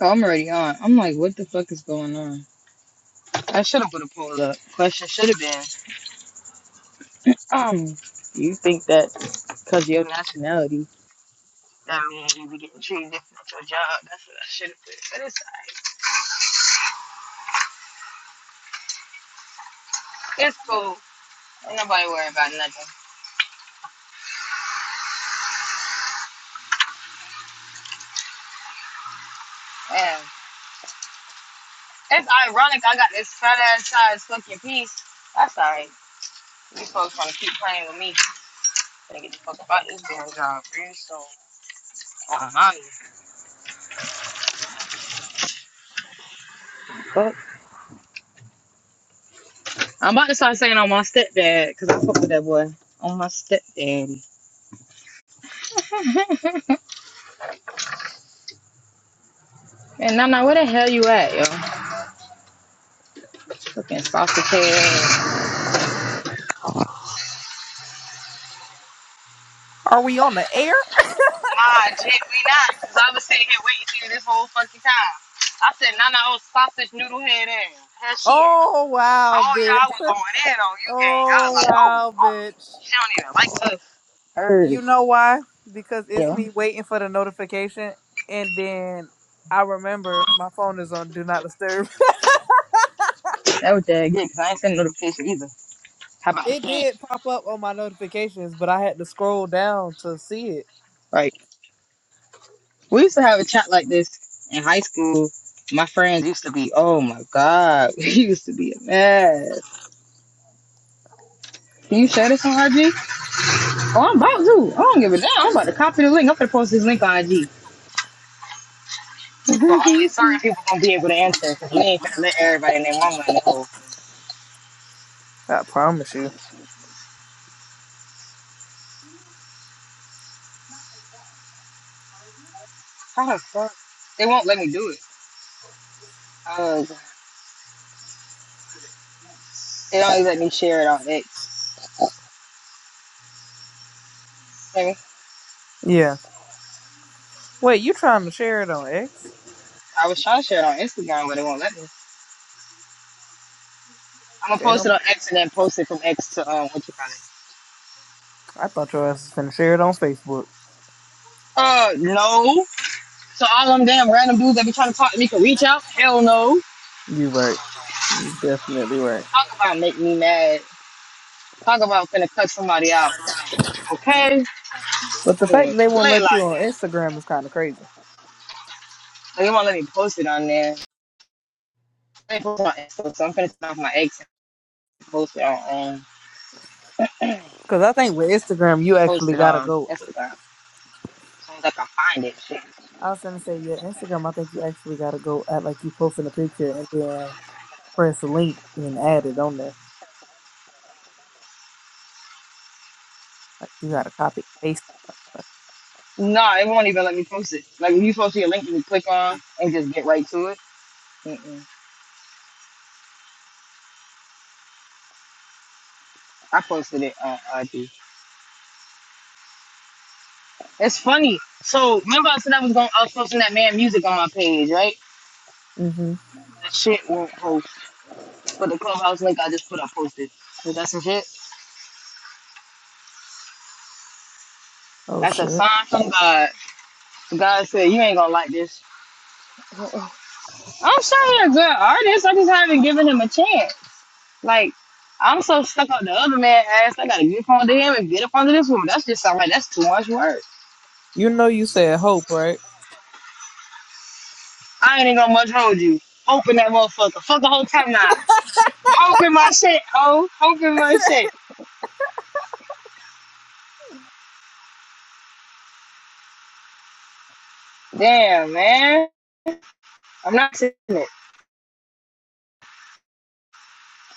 I'm already on. I'm like, what the fuck is going on? I should have put a poll up. Question should have been, um, do you think that because your nationality, that means you be getting treated different at your job? That's what I should have put. But it's it's cool. Ain't nobody worry about nothing. Man, it's ironic. I got this fat ass size fucking piece. That's alright. You folks want to keep playing with me? Gonna get the fuck about this damn job real soon. Uh, I'm, I'm about to start saying on my stepdad because I fuck with that boy. On my stepdaddy. And Nana, where the hell you at, yo? Fucking sausage head. Are we on the air? Nah, Jake, we not. Cause I was sitting here waiting for you this whole fucking time. I said, Nana, old sausage noodle head in. Hell she is. Oh, wow, Oh y'all bitch. was going in on you, gang. I was Oh, like, oh, wow, oh, bitch. she don't even like us. Heard. You know why? Because it's Yo, me waiting for the notification, and then I remember my phone is on Do Not Disturb. that was dead. good. Cause I ain't sending notification either. How about it that? did pop up on my notifications, but I had to scroll down to see Like, we used to have a chat like this in high school. My friends used to be, oh my god, we used to be a mess. Can you share this on RG? Oh, I'm about to. I don't give a damn. I'm about to copy the link. I'm gonna post this link on IG. So only it. certain people gonna be able to answer because we ain't gonna let everybody and their mama know. I promise you. How the fuck? They won't let me do it. Uh, they don't even let me share it on X. Let me- I mean? Yeah. Wait, you trying to share it on X? I was trying to share it on Instagram, but they won't let me. I'm gonna They post it don't. on X and then post it from X to um, what you call it? I thought your ass was gonna share it on Facebook. Uh, no. So all them damn random dudes that be trying to talk to me can reach out? Hell no. You right. You definitely right. Talk about make me mad. Talk about finna cut somebody out. Okay? But the fact Man, that they won't play let you like on that. Instagram is kind of crazy. They won't let me post it on there. I ain't post it on Insta, so I'm finna turn off my ex and post it on um, Because I think with Instagram, you post actually it gotta on go. Instagram. As soon as I can find it, shit. I was gonna say, yeah, Instagram. I think you actually gotta go act like you posting a picture and then press a link and add it on there. Like you gotta copy and paste. it. No, it won't even let me post it. Like if you post your link, you can click on and just get right to it. Mm-mm. I posted it on IG. It's funny. So remember I said I was going, I was posting that man music on my page, right? Mhm. That shit won't post, but the clubhouse link I just put up posted. Is that some shit? Oh That's a shit. sign from God. God said you ain't gonna like this I'm sure he's a good artist. I just haven't given him a chance. Like, I'm so stuck on the other man ass. I gotta get up onto him and get up onto this woman. That's just all right. That's too much work. You know you said hope, right? I ain't even gonna much hold you. Hoping that motherfucker. Fuck the whole time now. Hoping my shit, ho. Hoping my shit. Damn, man. I'm not saying it.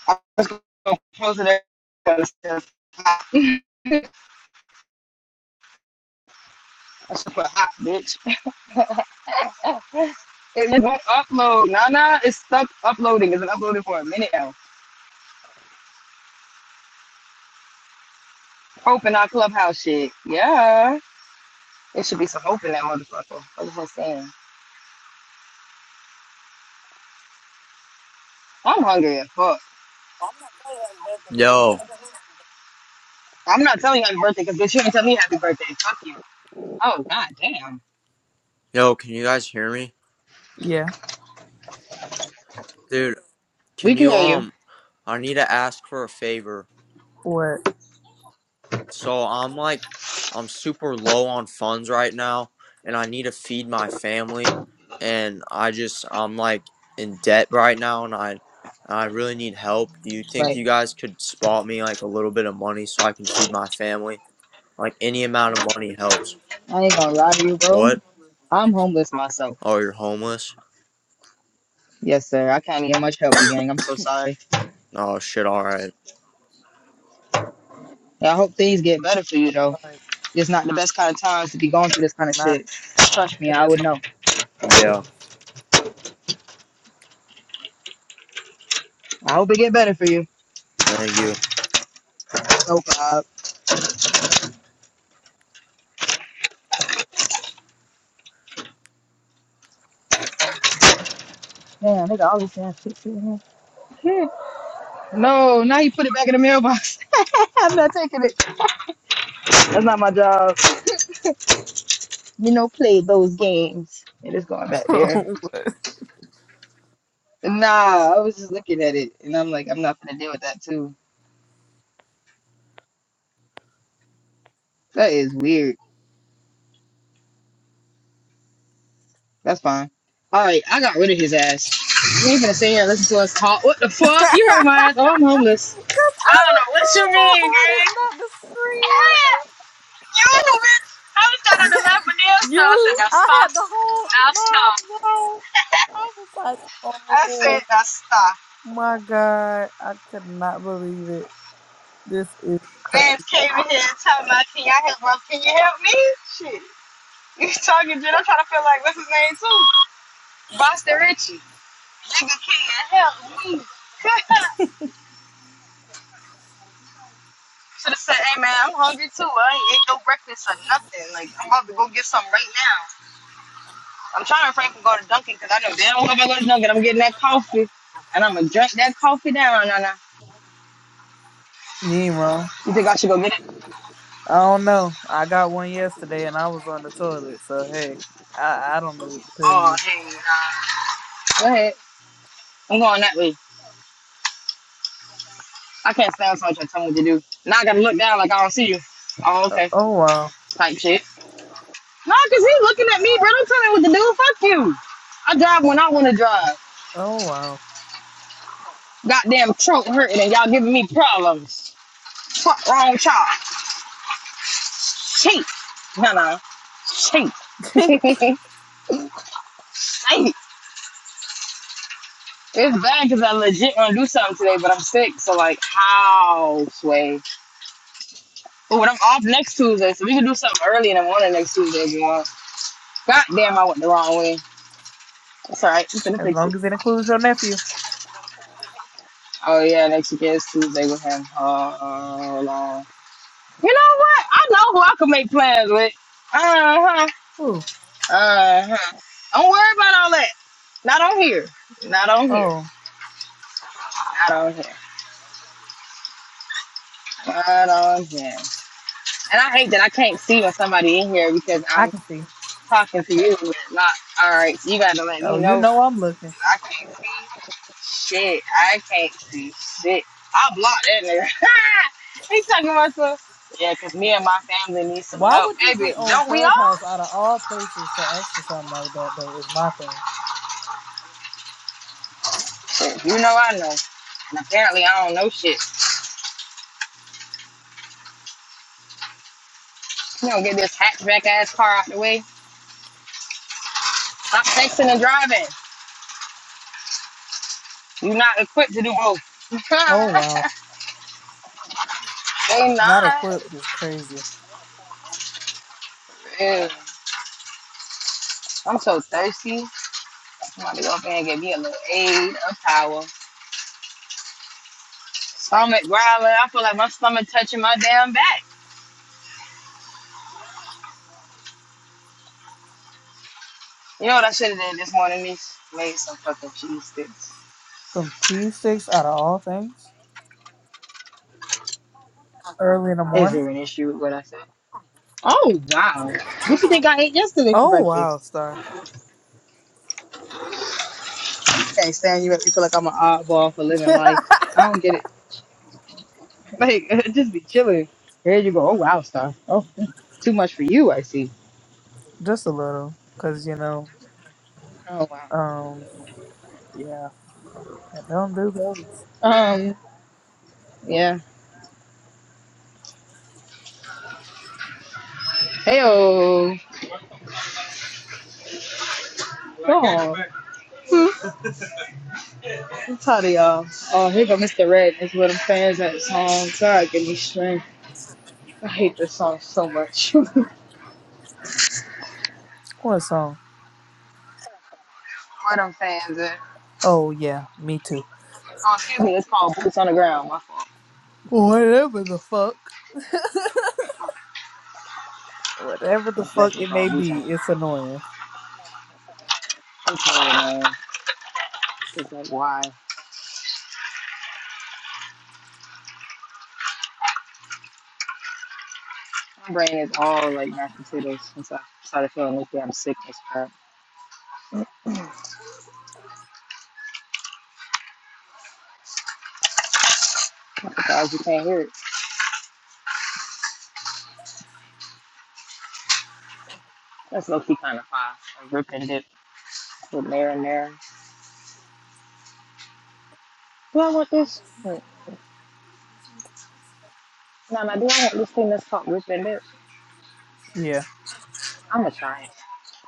I'm just gonna post it. I should put hot, bitch. It won't upload. Nah, nah. It's stuck uploading. It's been uploading for a minute now. Hoping our clubhouse shit. Yeah. There should be some hope in that motherfucker. What was I saying? I'm hungry as fuck. Yo, I'm not telling you happy birthday because bitch, you ain't tell me happy birthday. Fuck you. Oh god damn. yo, can you guys hear me? Yeah. Dude, We can can you hear you. um I need to ask for a favor. What? So I'm like I'm super low on funds right now and I need to feed my family and I just I'm like in debt right now and I I really need help. Do you think Right. you guys could spot me like a little bit of money so I can feed my family? Like any amount of money helps. I ain't gonna lie to you, bro. What? I'm homeless myself. Oh, you're homeless? Yes, sir. I can't get much help, you gang. I'm so sorry. Oh shit, all right. I hope things get better for you I'm though. Sorry, It's not the best kind of times to be going through this kind of Not. shit. Trust me, It I is would know. Yeah, I hope it get better for you. thank you. Oh god. Damn, they got all this damn shit shit in No, now you put it back in the mailbox. I'm not taking it. That's not my job. you know, played those games. It is going back there. hope. Nah, I was just looking at it and I'm like, I'm not gonna deal with that too. That is weird. That's fine. Alright, I got rid of his ass. You ain't gonna sit here and listen to us talk. What the fuck? Cause You heard my ass. Oh, I'm homeless. I I don't know was what you trying my mean, gang. hardest not to Ah, scream. you bitch. I was trying to laugh with them, so You, I said, now I stop. had the whole Now mom stop. bro. I was like, I said, oh now stop. my god, I could not believe it. This is crazy, Man came in here and told my thing. I had, one. can you help me? Shit. You talking shit. I'm trying to feel like, what's his name, too? Boston Richie. Nigga can't help me. Should have said, hey man, I'm hungry too. I ain't ate no breakfast or nothing. Like, I'm about to go get something right now. I'm trying to refrain from going to Dunkin' because I know damn well if I go to Dunkin', I'm getting that coffee. And I'm going to drink that coffee down, Nah, nah. You ain't wrong. You think I should go get it? I don't know. I got one yesterday and I was on the toilet, so hey, I I don't know what to tell Oh, you. hey, nah. Go ahead. I'm going that way. I can't stand somebody trying to tell me what to do. Now I got to look down like I don't see you. Oh, Uh, okay. oh wow, Type shit. Nah, because he's looking at me, bro. Don't tell me what to do. Fuck you. I drive when I want to drive. oh wow. Goddamn throat hurting and y'all giving me problems. Fuck wrong with y'all. Cheap. No, no. Cheap. Hey, It's bad because I legit want to do something today, but I'm sick. So, like, how, Sway? But I'm off next Tuesday, so we can do something early in the morning next Tuesday if you want. God damn, I went the wrong way. It's all right. I'm finna as fix it. long as it includes your nephew. Oh, yeah, next week is Tuesday with him. Hold on. You know what? I know who I can make plans with. Uh huh. Ooh, Uh, huh. don't worry about all that. Not on here. Not on here. oh, Not on here. Not on here. And I hate that I can't see when somebody in here because I I'm can see. talking to you, but not. All right, so you gotta let me Oh, you know. know I'm looking. I can't see shit. I can't see shit. I blocked that nigga. He's talking about some. Yeah, 'cause me and my family need some Why help. would you Baby, get on don't we Clubhouse all? out of all places to ask for something like that though? Is my thing. You know I know. And apparently I don't know shit. You know, get this hatchback ass car out the way. Stop texting and driving. You're not equipped to do both. Oh wow, they not not. equipped is crazy. Ew. I'm so thirsty. Somebody go up there and give me a little aid of power. Stomach growling. I feel like my stomach touching my damn back. You know what I should have done this morning, Miss? Made some fucking cheese sticks. Some cheese sticks out of all things early in the Is morning. there an issue with what I said? Oh wow. What you think I ate yesterday for Oh wow, breakfast? star. I Can't stand you You feel like I'm an oddball for living life. I don't get it. Like just be chilling. Here you go. Oh wow, star. Oh too much for you, I see. Just a little, cause you know, Oh wow. um, yeah, I don't do those. Um. Yeah. Heyo. Oh. Hmm. I'm tired of y'all. Oh, here go Mr. Red. Is what I'm fans at song. God, give me strength. I hate this song so much. what What song? I'm fans at. Oh yeah, me too. Oh, excuse me. It's called Boots on the Ground. My fault. Whatever the fuck, whatever the It's fuck definitely it may called Boots on the be, Ground. it's annoying. I'm tired, man. It's like why? My brain is all like mashed potatoes since I started feeling like I'm sick as crap. Because you can't hear it. That's low key kind of fine. Like rip and dip with marinara. Do I want this? Hmm. Nah, now, do I want this thing that's called Rich and Bitch? Yeah. I'm gonna try it.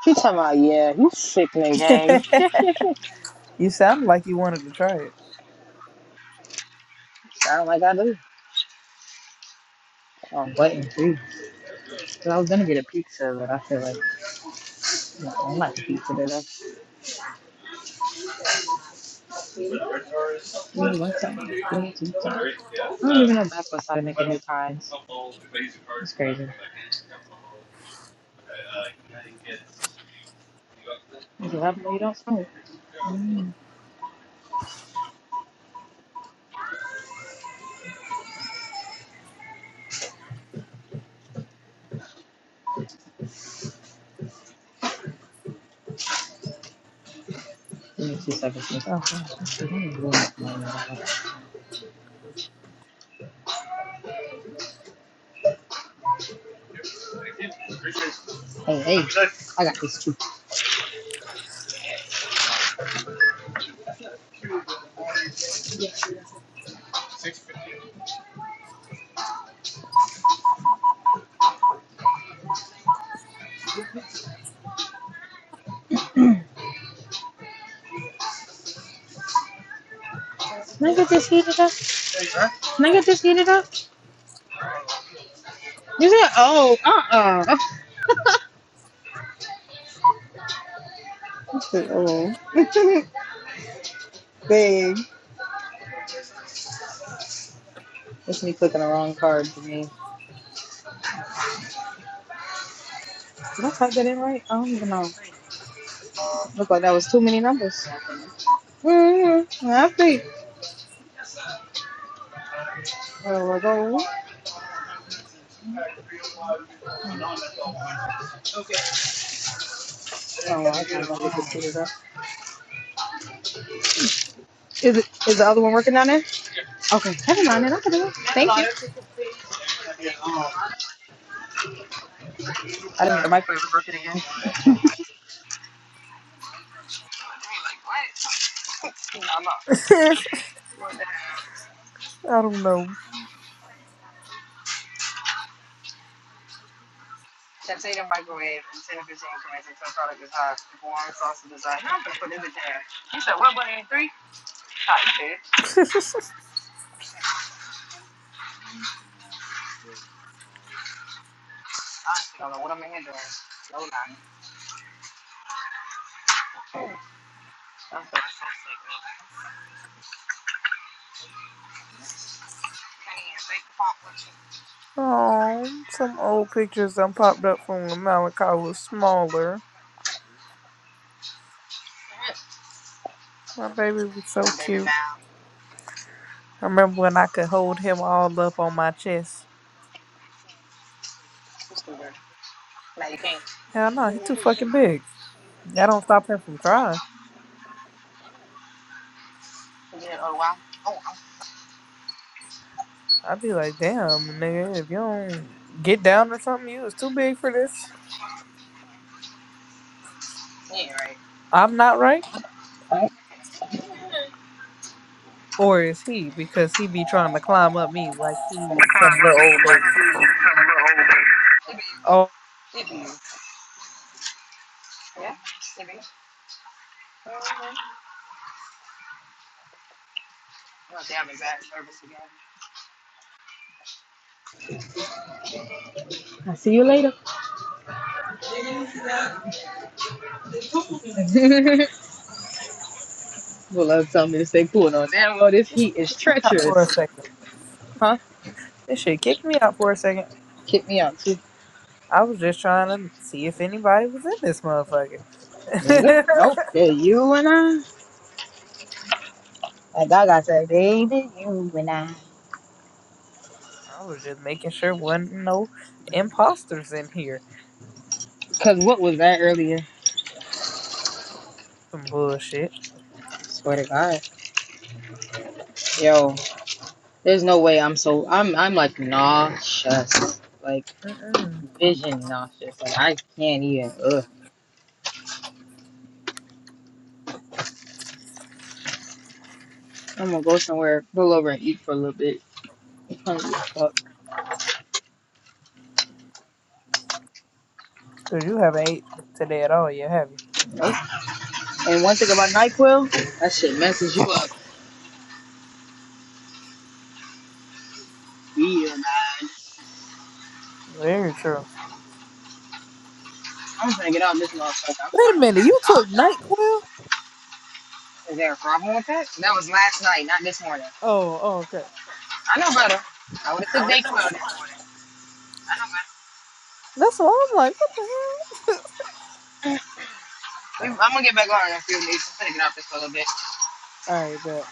She talking about, yeah, you sickening game. you sound like you wanted to try it. Sound like I do. I'm waiting too. Cause I was gonna get a pizza, but I feel like no, I don't like the pizza today. Ooh, want something? Give me two. Even though that's what started making new pies. You can have them, you don't smoke. Mm. Give me two seconds. Okay. Hey, hey, I got this too. Can I get this heat? Can I get this heated up? You said, oh, uh-uh. I said, oh. Dang. That's me clicking the wrong card for me. Did I type that in right? I don't even know. Looked like that was too many numbers. Mm-hmm. I think. Oh, I go. Oh, I can't go to the computer, Is it? Is the other one working down there? Okay. Never mind. Then I can do it. Thank you. I didn't need a microwave to work it again. I don't know. Oh, some old pictures done popped up from when Malachi was smaller. My baby was so cute. I remember when I could hold him all up on my chest. Hell no, he's too fucking big. That don't stop him from trying. I'd be like, damn, nigga, if you don't get down or something, you is too big for this. I'm not right, or is he? Because he be trying to climb up me like he some little old baby. Oh, Alright. I'll see you later. Bulldog told me to stay cool on that road. This heat is out for a treacherous. second. Huh? This shit kicked me out for a second. Kick me out too. I was just trying to see if anybody was in this motherfucker. Nigga. Nope. Yeah, you and I. Like I got that baby, you and I. I was just making sure wasn't no imposters in here. Cause what was that earlier? Some bullshit. Swear to God. Yo, there's no way I'm so I'm I'm like nauseous. Like Mm-mm. vision nauseous. Like I can't even ugh. I'm gonna go somewhere, pull over and eat for a little bit. I'm hungry as fuck. Cause you haven't ate today at all yet, have you? Nope. And one thing about NyQuil, that shit messes you up. Yeah. Very true. I'm gonna get on this little motherfucker. I'm Wait a starting minute, to get you took off. NyQuil? Is there a problem with that? That was last night, not this morning. Oh, oh, okay. I know better. I would have took dayquil this morning. I know better. That's why I'm like, what the hell? We, I'm gonna get back on in a few minutes. I'm gonna get off this for a little bit. All right, but.